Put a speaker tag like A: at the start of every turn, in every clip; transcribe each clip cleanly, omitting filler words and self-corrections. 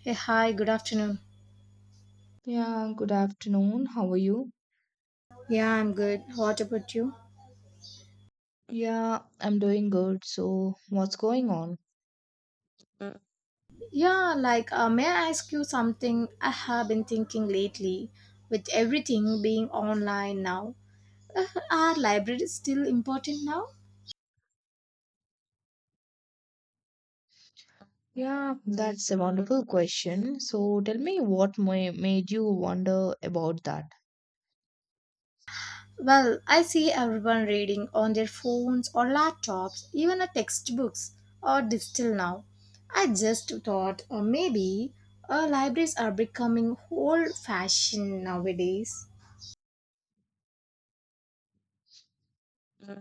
A: Hey, hi, good afternoon.
B: Yeah, good afternoon. How are you?
A: Yeah, I'm good. What about you?
B: Yeah, I'm doing good. So, what's going on?
A: Yeah, may I ask you something I have been thinking lately? With everything being online now, uh, are libraries still important now?
B: Yeah, that's a wonderful question. So, tell me what made you wonder about that?
A: Well, I see everyone reading on their phones or laptops, even a textbooks or digital now. I just thought maybe libraries are becoming old fashioned nowadays.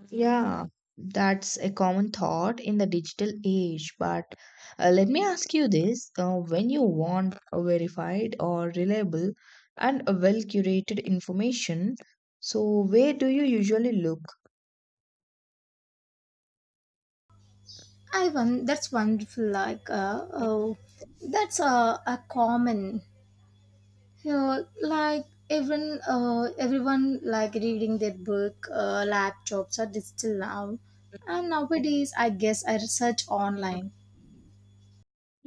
B: Yeah, that's a common thought in the digital age. But let me ask you this, when you want a verified or reliable and a well-curated information, so where do you usually look?
A: I won. That's wonderful. That's a common. You know, like even everyone like reading their book. Laptops are digital now, and nowadays I guess I research online.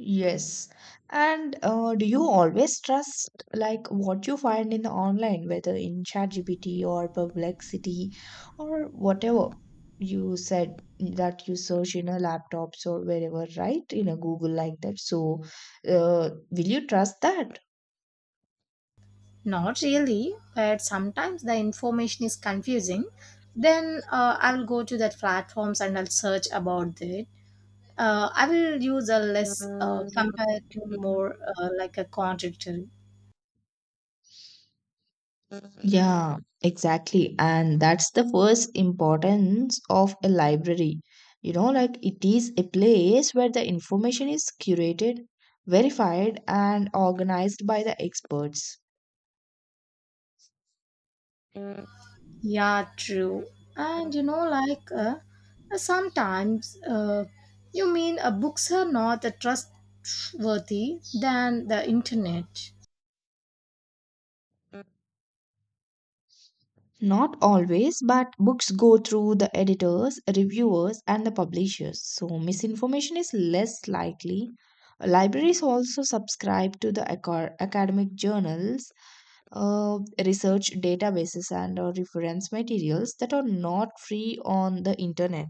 B: Yes. And do you always trust like what you find in the online, whether in ChatGPT or Perplexity or whatever you said that you search in a laptops or wherever, right? In a Google like that. So, will you trust that?
A: Not really, but sometimes the information is confusing. Then I'll go to that platforms and I'll search about it. I will use a less compared to more like a contradictory.
B: Yeah, exactly. And that's the first importance of a library. You know, like it is a place where the information is curated, verified, and organized by the experts.
A: Yeah, true. And you know, like sometimes you mean books are not trustworthy than the internet.
B: Not always, but books go through the editors, reviewers, and the publishers, so misinformation is less likely. Libraries also subscribe to the academic journals, uh, research databases, and reference materials that are not free on the internet.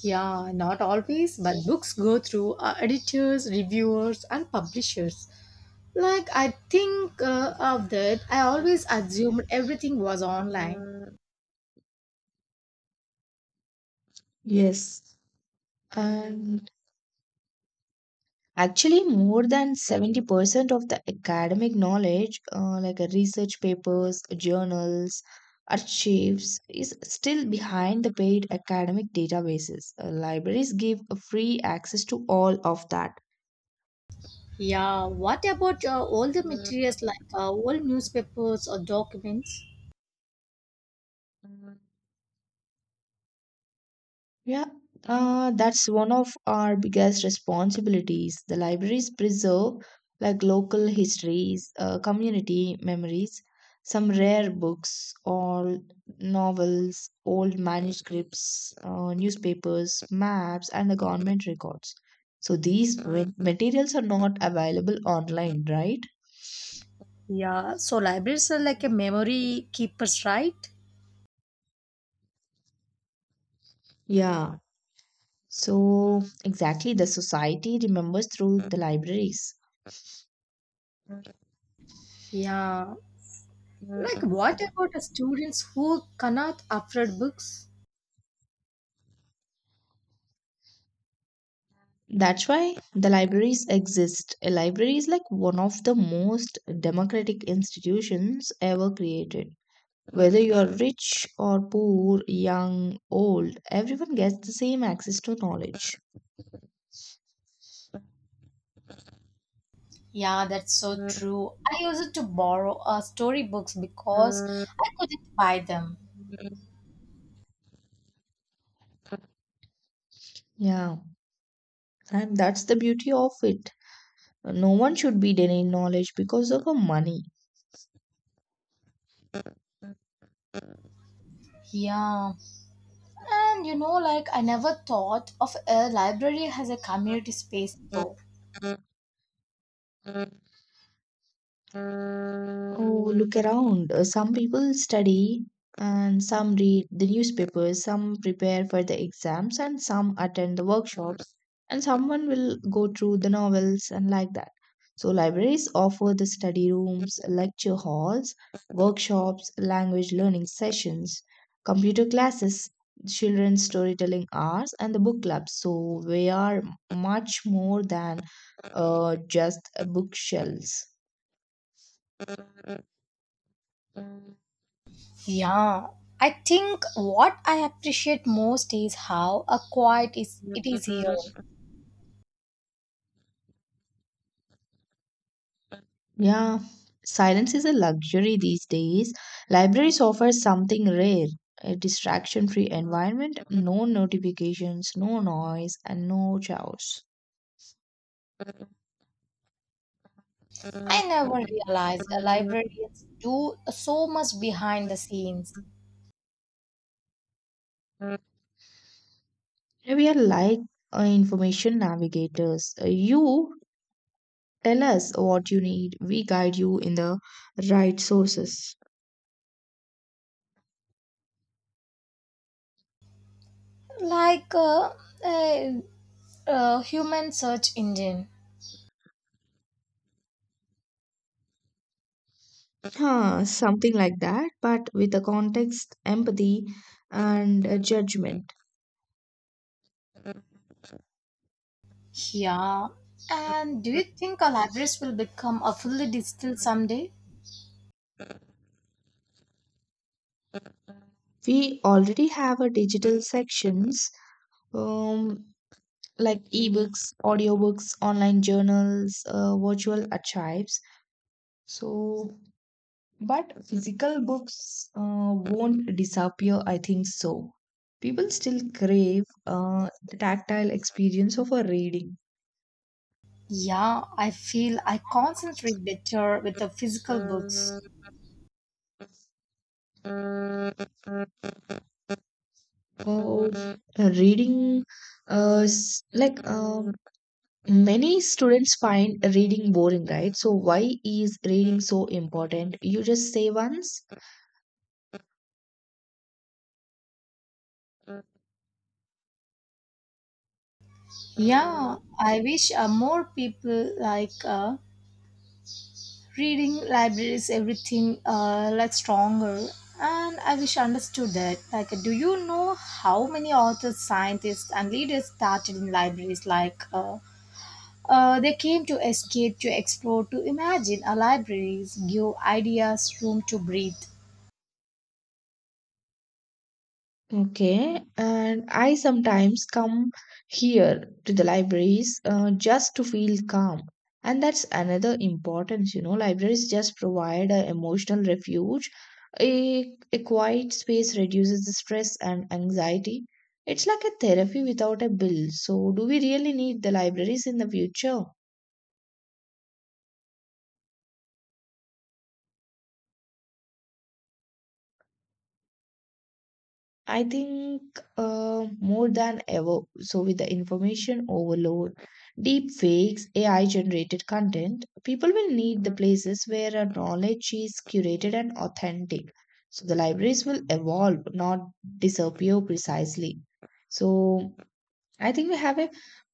A: Yeah, not always, but books go through editors, reviewers, and publishers. Like, I think of that, I always assumed everything was online.
B: Yes, and actually, more than 70% of the academic knowledge, research papers, journals, archives, is still behind the paid academic databases. Libraries give a free access to all of that.
A: Yeah, what about all the materials like old newspapers or documents?
B: Yeah, that's one of our biggest responsibilities. The libraries preserve like local histories, community memories, some rare books, all novels, old manuscripts, newspapers, maps, and the government records. So these materials are not available online, right?
A: Yeah, so libraries are like a memory keepers, right?
B: Yeah. So exactly, the society remembers through the libraries.
A: Yeah. Like what about the students who cannot afford books?
B: That's why the libraries exist. A library is like one of the most democratic institutions ever created. Whether you are rich or poor, young, old, everyone gets the same access to knowledge.
A: Yeah, that's so true. I used to borrow storybooks because I couldn't buy them.
B: Yeah, and that's the beauty of it. No one should be denied knowledge because of a money.
A: Yeah, and you know, like I never thought of a library as a community space though.
B: Oh, look around. Some people study and some read the newspapers, some prepare for the exams, and some attend the workshops, and someone will go through the novels and like that. So, libraries offer the study rooms, lecture halls, workshops, language learning sessions, computer classes, children's storytelling hours, and the book clubs. So, we are much more than just bookshelves. Yeah,
A: Yeah, I think what I appreciate most is how a quiet is it is here.
B: silence is a luxury these days. Libraries offer something rare, a distraction free environment, no notifications, no noise, and no chaos.
A: I never realized librarians do so much behind the scenes,
B: We are like information navigators. You tell us what you need, we guide you in the right sources.
A: like a, a human search engine.
B: Huh, something like that, but with the context, empathy, and judgment.
A: Yeah. And do you think our libraries will become a fully digital someday?
B: We already have a digital sections, um, like ebooks, audiobooks, online journals, virtual archives. So, but physical books won't disappear, I think so. People still crave the tactile experience of a reading.
A: Yeah, I feel I concentrate better with the physical books.
B: Oh, reading, s- like Many students find reading boring, right? So, why is reading so important? You just say once.
A: Yeah, I wish more people like reading libraries, everything like stronger. And I wish I understood that. Like, do you know how many authors, scientists, and leaders started in libraries? They came to escape, to explore, to imagine. A libraries give ideas room to breathe.
B: Okay, and I sometimes come here to the libraries just to feel calm. And that's another importance, you know. Libraries just provide an emotional refuge. A quiet space reduces the stress and anxiety. It's like a therapy without a bill. So, do we really need the libraries in the future? I think more than ever, so with the information overload, deep fakes, AI generated content, people will need the places where our knowledge is curated and authentic. So the libraries will evolve, not disappear precisely. So I think we have a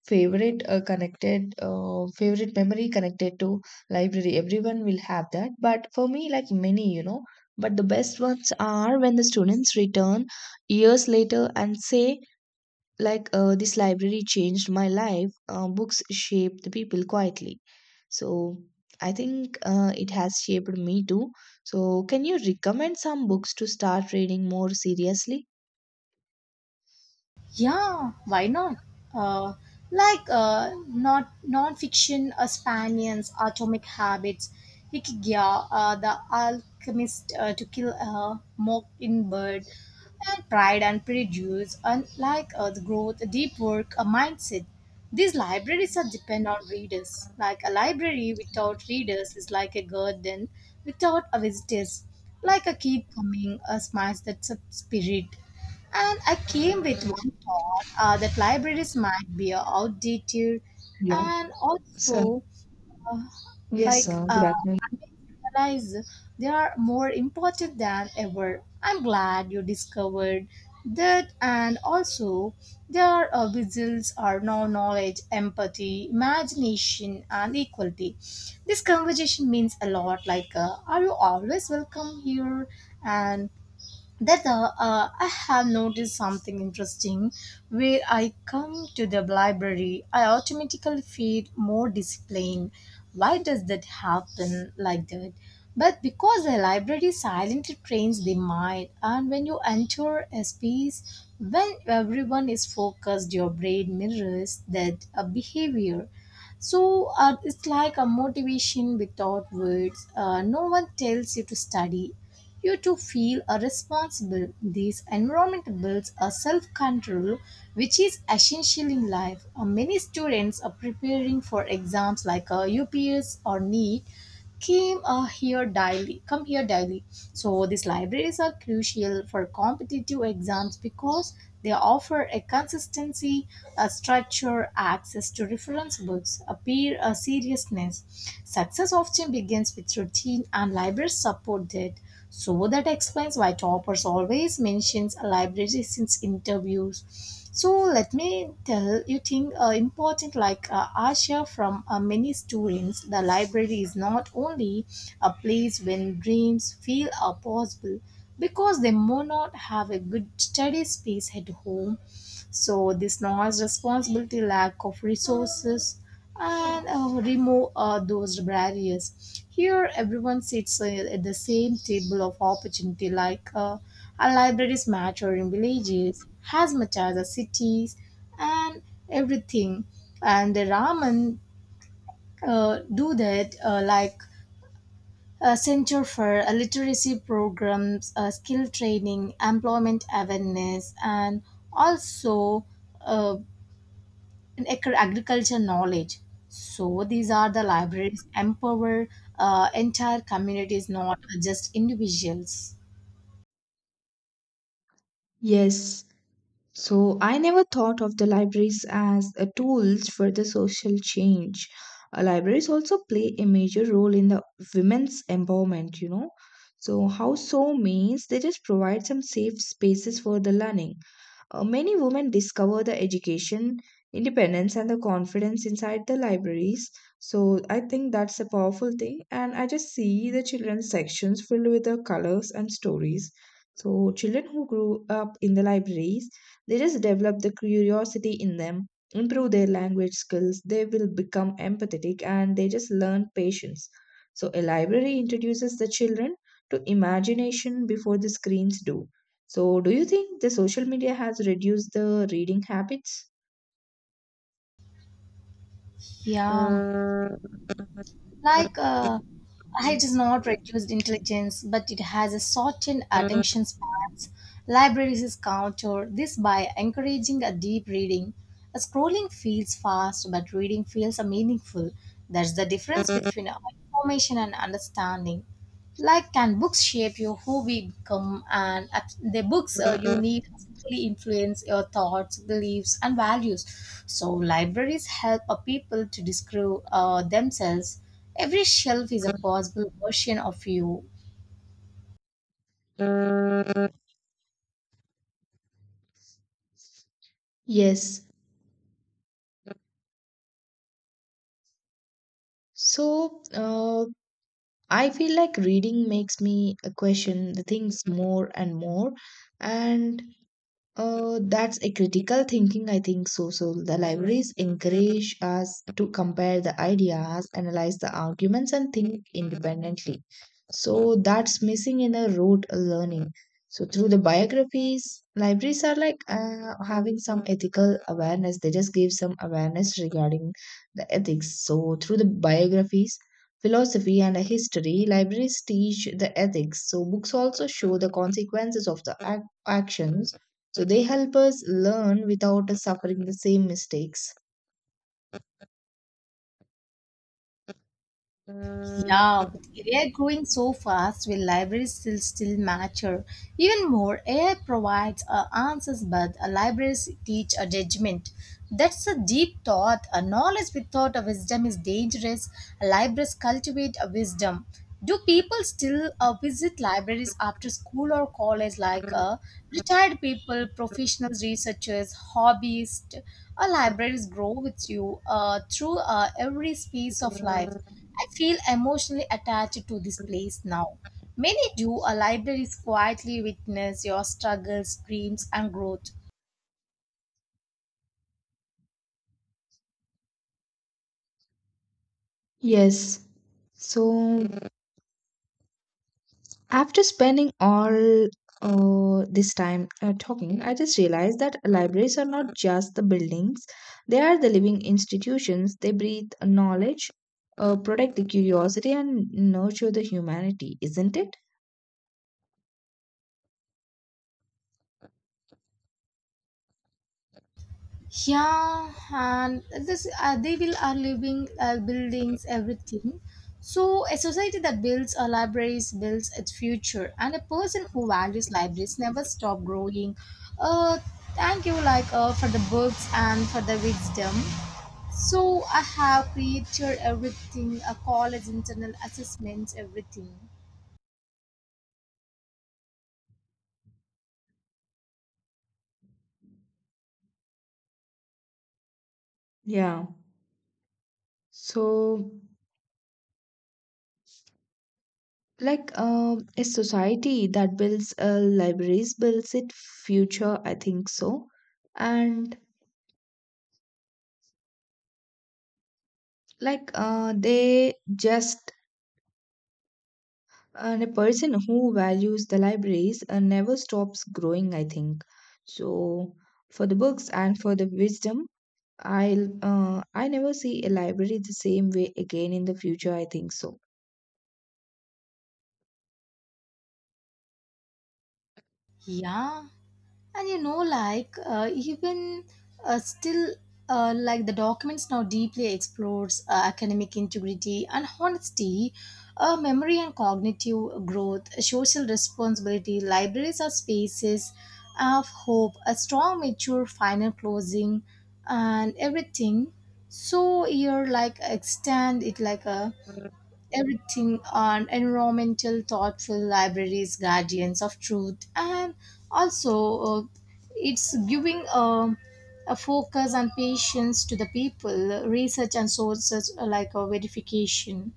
B: favorite memory connected to library. Everyone will have that, but for me, like many, you know. But the best ones are when the students return years later and say, like, this library changed my life. Books shaped the people quietly. So I think it has shaped me too. So can you recommend some books to start reading more seriously?
A: Yeah, why not? Uh, not non-fiction, Spaniards, Atomic Habits, Hikigya, The Alchemist, To Kill a Mockingbird, and Pride and Prejudice, and the growth, deep work, a mindset. These libraries are depend on readers. Like a library without readers is like a garden without a visitors. Like a keep coming, a smash that's a spirit. And I came with one thought that libraries might be outdated,
B: Hello,
A: and
B: sir.
A: also
B: Yes, sir. Good afternoon.
A: I realize they are more important than ever. I'm glad you discovered that, and also their whistles are now knowledge, empathy, imagination and equality. This conversation means a lot are you always welcome here, and that I have noticed something interesting. Where I come to the library, I automatically feel more disciplined. Why does that happen like that? But because the library silently trains the mind, and when you enter a space when everyone is focused, your brain mirrors that behavior. So it's like a motivation without words. No one tells you to study, you to feel are responsible. This environment builds a self-control which is essential in life. Many students are preparing for exams UPS or NEET came here daily come here daily, so these libraries are crucial for competitive exams because they offer a consistency, a structure, access to reference books, a peer, a seriousness. Success often begins with routine, and libraries support that, so that explains why Toppers always mentions libraries in interviews. So let me tell you thing important Asha. From many students, the library is not only a place when dreams feel are possible because they may not have a good study space at home. So this noise responsibility lack of resources, and remove those barriers. Here, everyone sits at the same table of opportunity, our libraries matter in villages as much as the cities and everything. And the ramen do that, like a center for literacy programs, skill training, employment awareness, and also. Uh, agriculture knowledge. So these are the libraries empower entire communities, not just individuals.
B: Yes, so I never thought of the libraries as a tools for the social change. Libraries also play a major role in the women's empowerment, you know. So house so means they just provide some safe spaces for the learning. Many women discover the education, independence, and the confidence inside the libraries. So I think that's a powerful thing. And I just see the children's sections filled with the colors and stories. So children who grew up in the libraries, they just develop the curiosity in them, improve their language skills, they will become empathetic, and they just learn patience. So a library introduces the children to imagination before the screens do. So, do you think the social media has reduced the reading habits?
A: Yeah, like uh, height is not reduced intelligence, but it has a shortened attention spans. Libraries is counter this by encouraging a deep reading. A scrolling feels fast, but reading feels meaningful. That's the difference between information and understanding. Like, can books shape you who we become, and at the books you need really influence your thoughts, beliefs and values, so libraries help a people to discover themselves. Every shelf is a possible version of you.
B: Yes. So, I feel like reading makes me question the things more and more. And that's a critical thinking, I think so. So the libraries encourage us to compare the ideas, analyze the arguments, and think independently. So that's missing in a rote learning. So through the biographies, libraries are like having some ethical awareness. They just give some awareness regarding the ethics. So through the biographies, philosophy, and history, libraries teach the ethics. So books also show the consequences of the actions, so they help us learn without us suffering the same mistakes.
A: Yeah, with AI growing so fast, will libraries still mature? Even more, AI provides answers, but libraries teach a judgment. That's a deep thought. A knowledge without a wisdom is dangerous. Libraries cultivate a wisdom. Do people still visit libraries after school or college, retired people, professionals, researchers, hobbyists? Libraries grow with you through every space of life. I feel emotionally attached to this place now. Many do, a libraries quietly witness your struggles, dreams, and growth.
B: Yes. So after spending all this time talking, I just realized that libraries are not just the buildings; they are the living institutions. They breathe knowledge, protect the curiosity, and nurture the humanity, isn't it?
A: Yeah, and this they will are living buildings, everything. So a society that builds a libraries builds its future, and a person who values libraries never stop growing. Uh, thank you, for the books and for the wisdom. So I have created everything, a college internal assessments, everything.
B: Yeah. So like a society that builds libraries builds its future, I think so. And like they just and a person who values the libraries never stops growing, I think so. For the books and for the wisdom, I never see a library the same way again in the future, I think so.
A: Yeah, and you know, even still, like the documents now deeply explores academic integrity and honesty, memory and cognitive growth, social responsibility. Libraries are spaces of hope, a strong, mature final closing, and everything. So you're like extend it like a everything on environmental thoughtful libraries guardians of truth and also uh, it's giving a focus and patience to the people research and sources like a verification.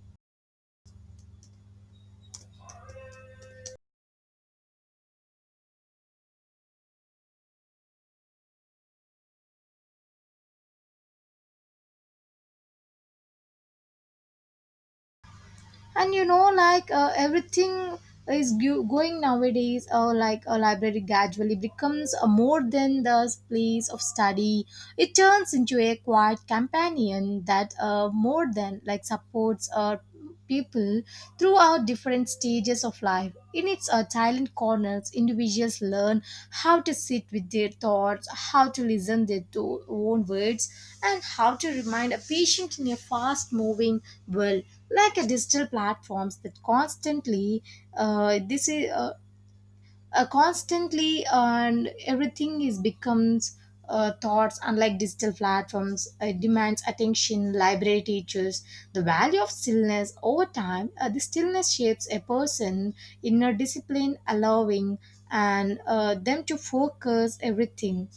A: And you know everything is going nowadays like a library gradually becomes a more than the place of study. It turns into a quiet companion that more than like supports people throughout different stages of life. In its silent corners, individuals learn how to sit with their thoughts, how to listen their own words, and how to remain a patient in a fast moving world. Like a digital platforms that constantly this is constantly and everything is becomes thoughts. Unlike digital platforms, it demands attention. Library teachers the value of stillness over time. The stillness shapes a person inner discipline, allowing and them to focus everything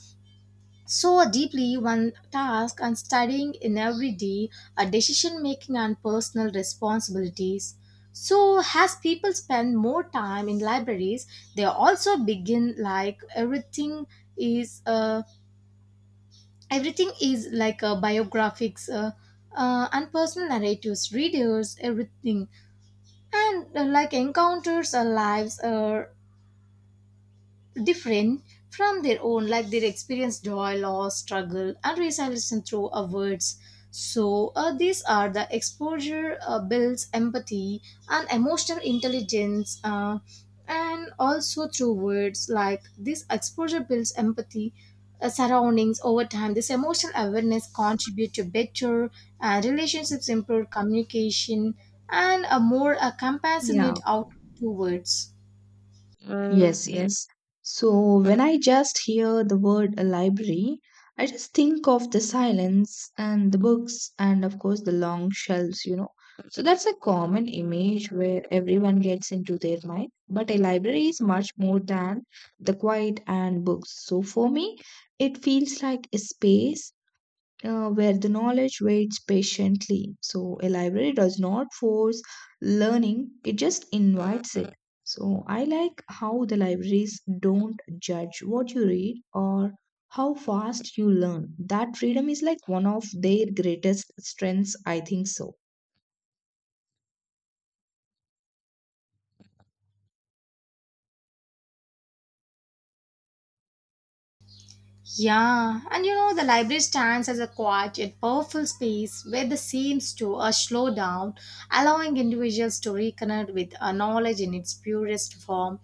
A: so deeply one task and studying in every day, a decision making and personal responsibilities. So as people spend more time in libraries, they also begin like is uh, everything is like a biographics and personal narratives readers everything, and like encounters lives different from their own, like they experienced joy, loss, struggle, and resilience through our words. So, these are the exposure builds empathy and emotional intelligence, and also through words like this exposure builds empathy. Surroundings over time this emotional awareness contribute to better relationships, improved communication, and a more
B: Yeah.
A: compassionate outlook towards.
B: Mm, yes, yes. So when I just hear the word a library, I just think of the silence and the books and of course the long shelves, you know. So that's a common image where everyone gets into their mind. But a library is much more than the quiet and books. So for me, it feels like a space where the knowledge waits patiently. So, a library does not force learning, it just invites it. So, I like how the libraries don't judge what you read or how fast you learn. That freedom is like one of their greatest strengths, I think so.
A: Yeah, and you know, the library stands as a quiet yet powerful space where the seems to slow down, allowing individuals to reconnect with knowledge in its purest form.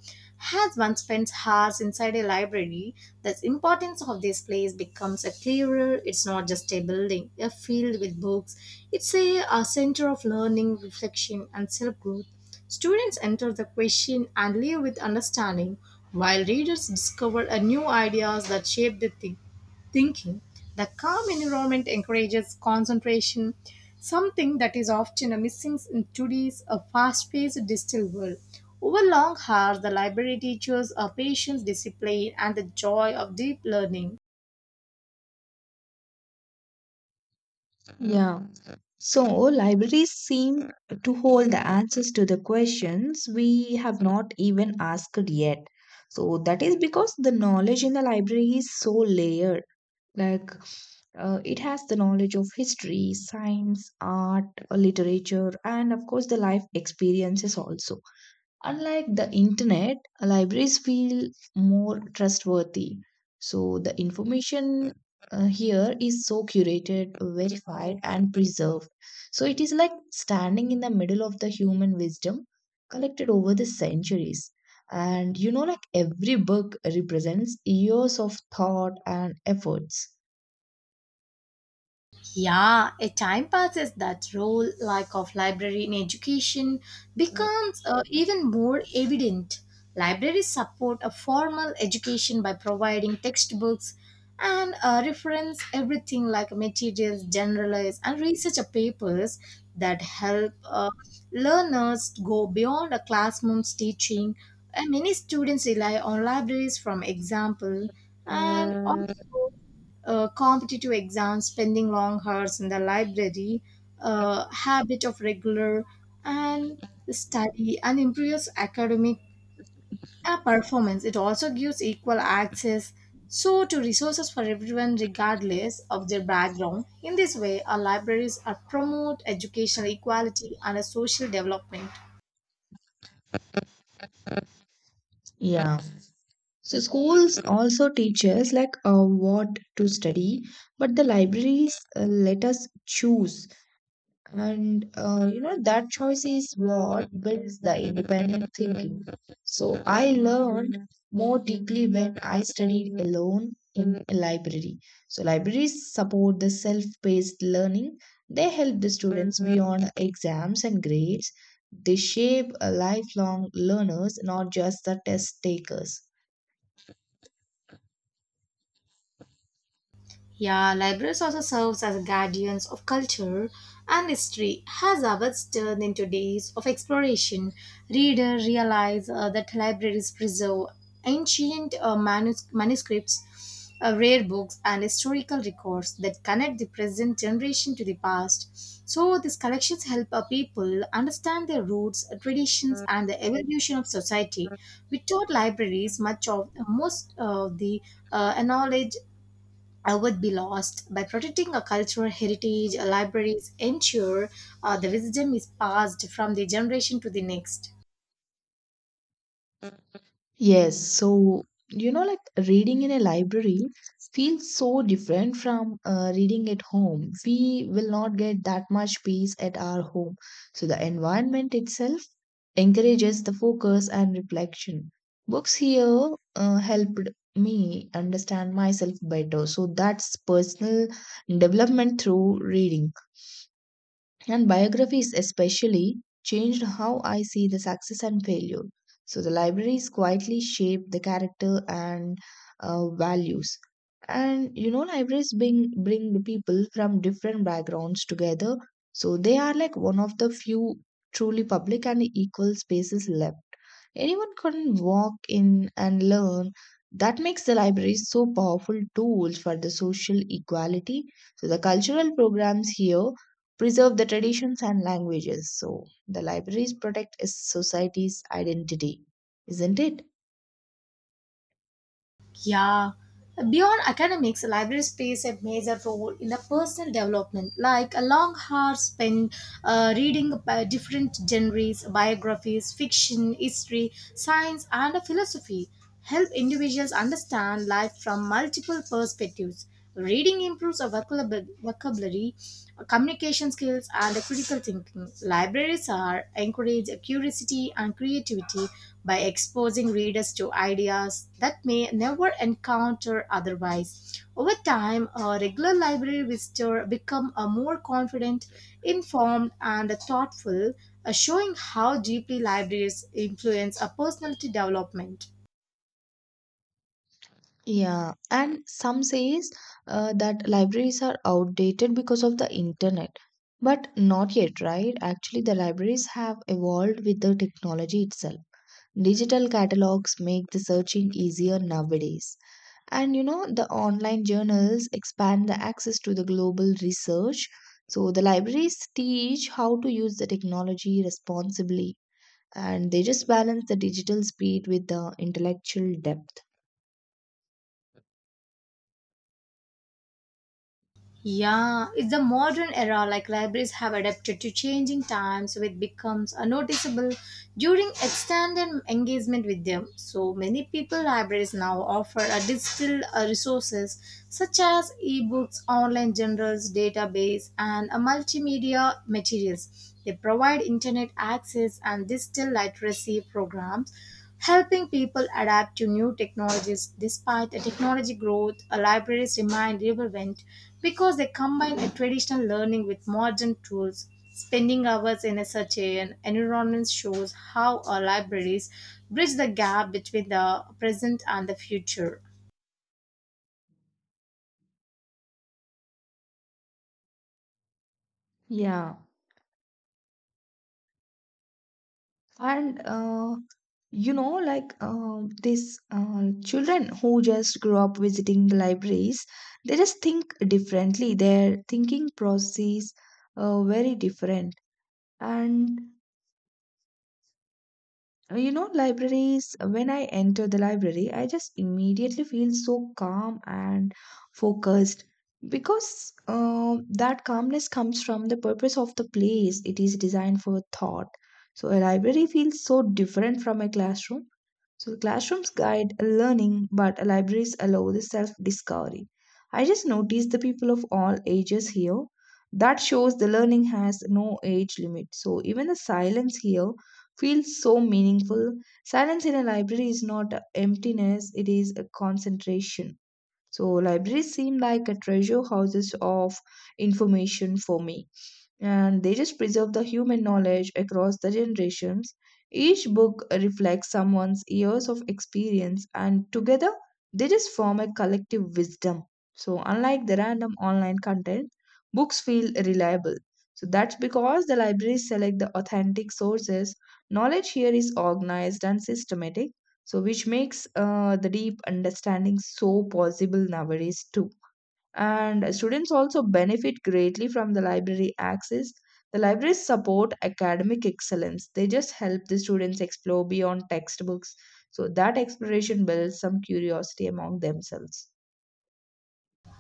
A: As one spends hours inside a library, the importance of this place becomes a clearer. It's not just a building, a field with books. It's a center of learning, reflection, and self growth. Students enter the question and leave with understanding, while readers discover a new ideas that shape their thinking. The calm environment encourages concentration, something that is often a missing in today's fast-paced digital world. Over long hours, the library teaches a patience, discipline, and the joy of deep learning.
B: Yeah. So, libraries seem to hold the answers to the questions we have not even asked yet. So, that is because the knowledge in the library is so layered. Like it has the knowledge of history, science, art, literature, and of course the life experiences also. Unlike the internet, libraries feel more trustworthy. So the information here is so curated, verified, and preserved. So it is like standing in the middle of the human wisdom collected over the centuries. And you know, like every book represents years of thought and efforts.
A: Yeah, a time passes that role like of library in education becomes even more evident. Libraries support a formal education by providing textbooks and reference everything like materials, generalized and research papers that help learners go beyond a classroom's teaching. And many students rely on libraries from example and also competitive exams, spending long hours in the library, habit of regular and study, and improves academic performance. It also gives equal access so to resources for everyone regardless of their background. In this way, our libraries are promote educational equality and a social development.
B: Yeah. So schools also teach us like what to study, but the libraries let us choose. And you know that choice is what builds the independent thinking. So I learned more deeply when I studied alone in a library. So libraries support the self-paced learning. They help the students beyond exams and grades. They shape a lifelong learners, not just the test takers.
A: Yeah, libraries also serves as guardians of culture and history. As ours turned into days of exploration, reader realize that libraries preserve ancient manuscripts, rare books, and historical records that connect the present generation to the past. So these collections help people understand their roots, traditions, and the evolution of society. Without libraries, much of most of the knowledge would be lost. By protecting our cultural heritage, our libraries ensure the wisdom is passed from the generation to the next.
B: Yes, so you know, like reading in a library feels so different from reading at home. We will not get that much peace at our home. So the environment itself encourages the focus and reflection. Books here helped me understand myself better. So that's personal development through reading. And biographies, especially, changed how I see the success and failure. So the libraries quietly shape the character and values. And you know, libraries bring the people from different backgrounds together. So they are like one of the few truly public and equal spaces left. Anyone can walk in and learn. That makes the libraries so powerful tools for the social equality. So the cultural programs here preserve the traditions and languages. So the libraries protect a society's identity, isn't it?
A: Yeah. Beyond academics, libraries plays a major role in the personal development, like a long hour spent reading by different genres, biographies, fiction, history, science, and philosophy help individuals understand life from multiple perspectives. Reading improves our vocabulary, communication skills, and critical thinking. Libraries are encourage curiosity and creativity by exposing readers to ideas that may never encounter otherwise. Over time, a regular library visitor become a more confident, informed, and thoughtful, showing how deeply libraries influence a personality development.
B: Yeah, and some says that libraries are outdated because of the internet. But not yet, right? Actually, the libraries have evolved with the technology itself. Digital catalogs make the searching easier nowadays. And you know, the online journals expand the access to the global research. So the libraries teach how to use the technology responsibly, and they just balance the digital speed with the intellectual depth.
A: Yeah, it's the modern era like libraries have adapted to changing times so it becomes a noticeable during extended engagement with them. So many people libraries now offer a digital resources such as ebooks, online journals, database and a multimedia materials. They provide internet access and digital literacy programs helping people adapt to new technologies. Despite the technology growth, libraries remain relevant because they combine a traditional learning with modern tools. Spending hours in a such an environment shows how our libraries bridge the gap between the present and the future.
B: Yeah, and you know like these children who just grew up visiting the libraries, they just think differently, their thinking process very different. And you know, libraries, when I enter the library, I just immediately feel so calm and focused because that calmness comes from the purpose of the place. It is designed for thought. So, a library feels so different from a classroom. So, the classrooms guide learning, but libraries allow the self discovery. I just notice the people of all ages here. That shows the learning has no age limit. So, even the silence here feels so meaningful. Silence in a library is not emptiness, it is a concentration. So, libraries seem like a treasure houses of information for me, and they just preserve the human knowledge across the generations. Each book reflects someone's years of experience, and together they just form a collective wisdom. So, unlike the random online content, books feel reliable. So, that's because the libraries select the authentic sources. Knowledge here is organized and systematic, so which makes the deep understanding so possible nowadays, too. And students also benefit greatly from the library access. The libraries support academic excellence. They just help the students explore beyond textbooks, so that exploration builds some curiosity among themselves.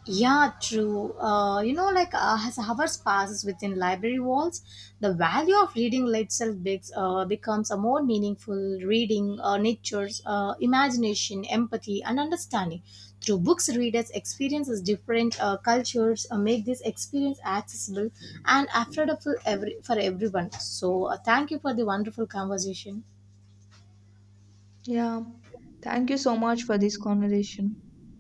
A: Yeah, true. You know, as hours passes within library walls, the value of reading itself begs, becomes a more meaningful reading nature's imagination, empathy, and understanding. Through books, readers experiences different cultures, make this experience accessible and affordable every, for everyone. So, thank you for the wonderful conversation.
B: Yeah, thank you so much for this conversation.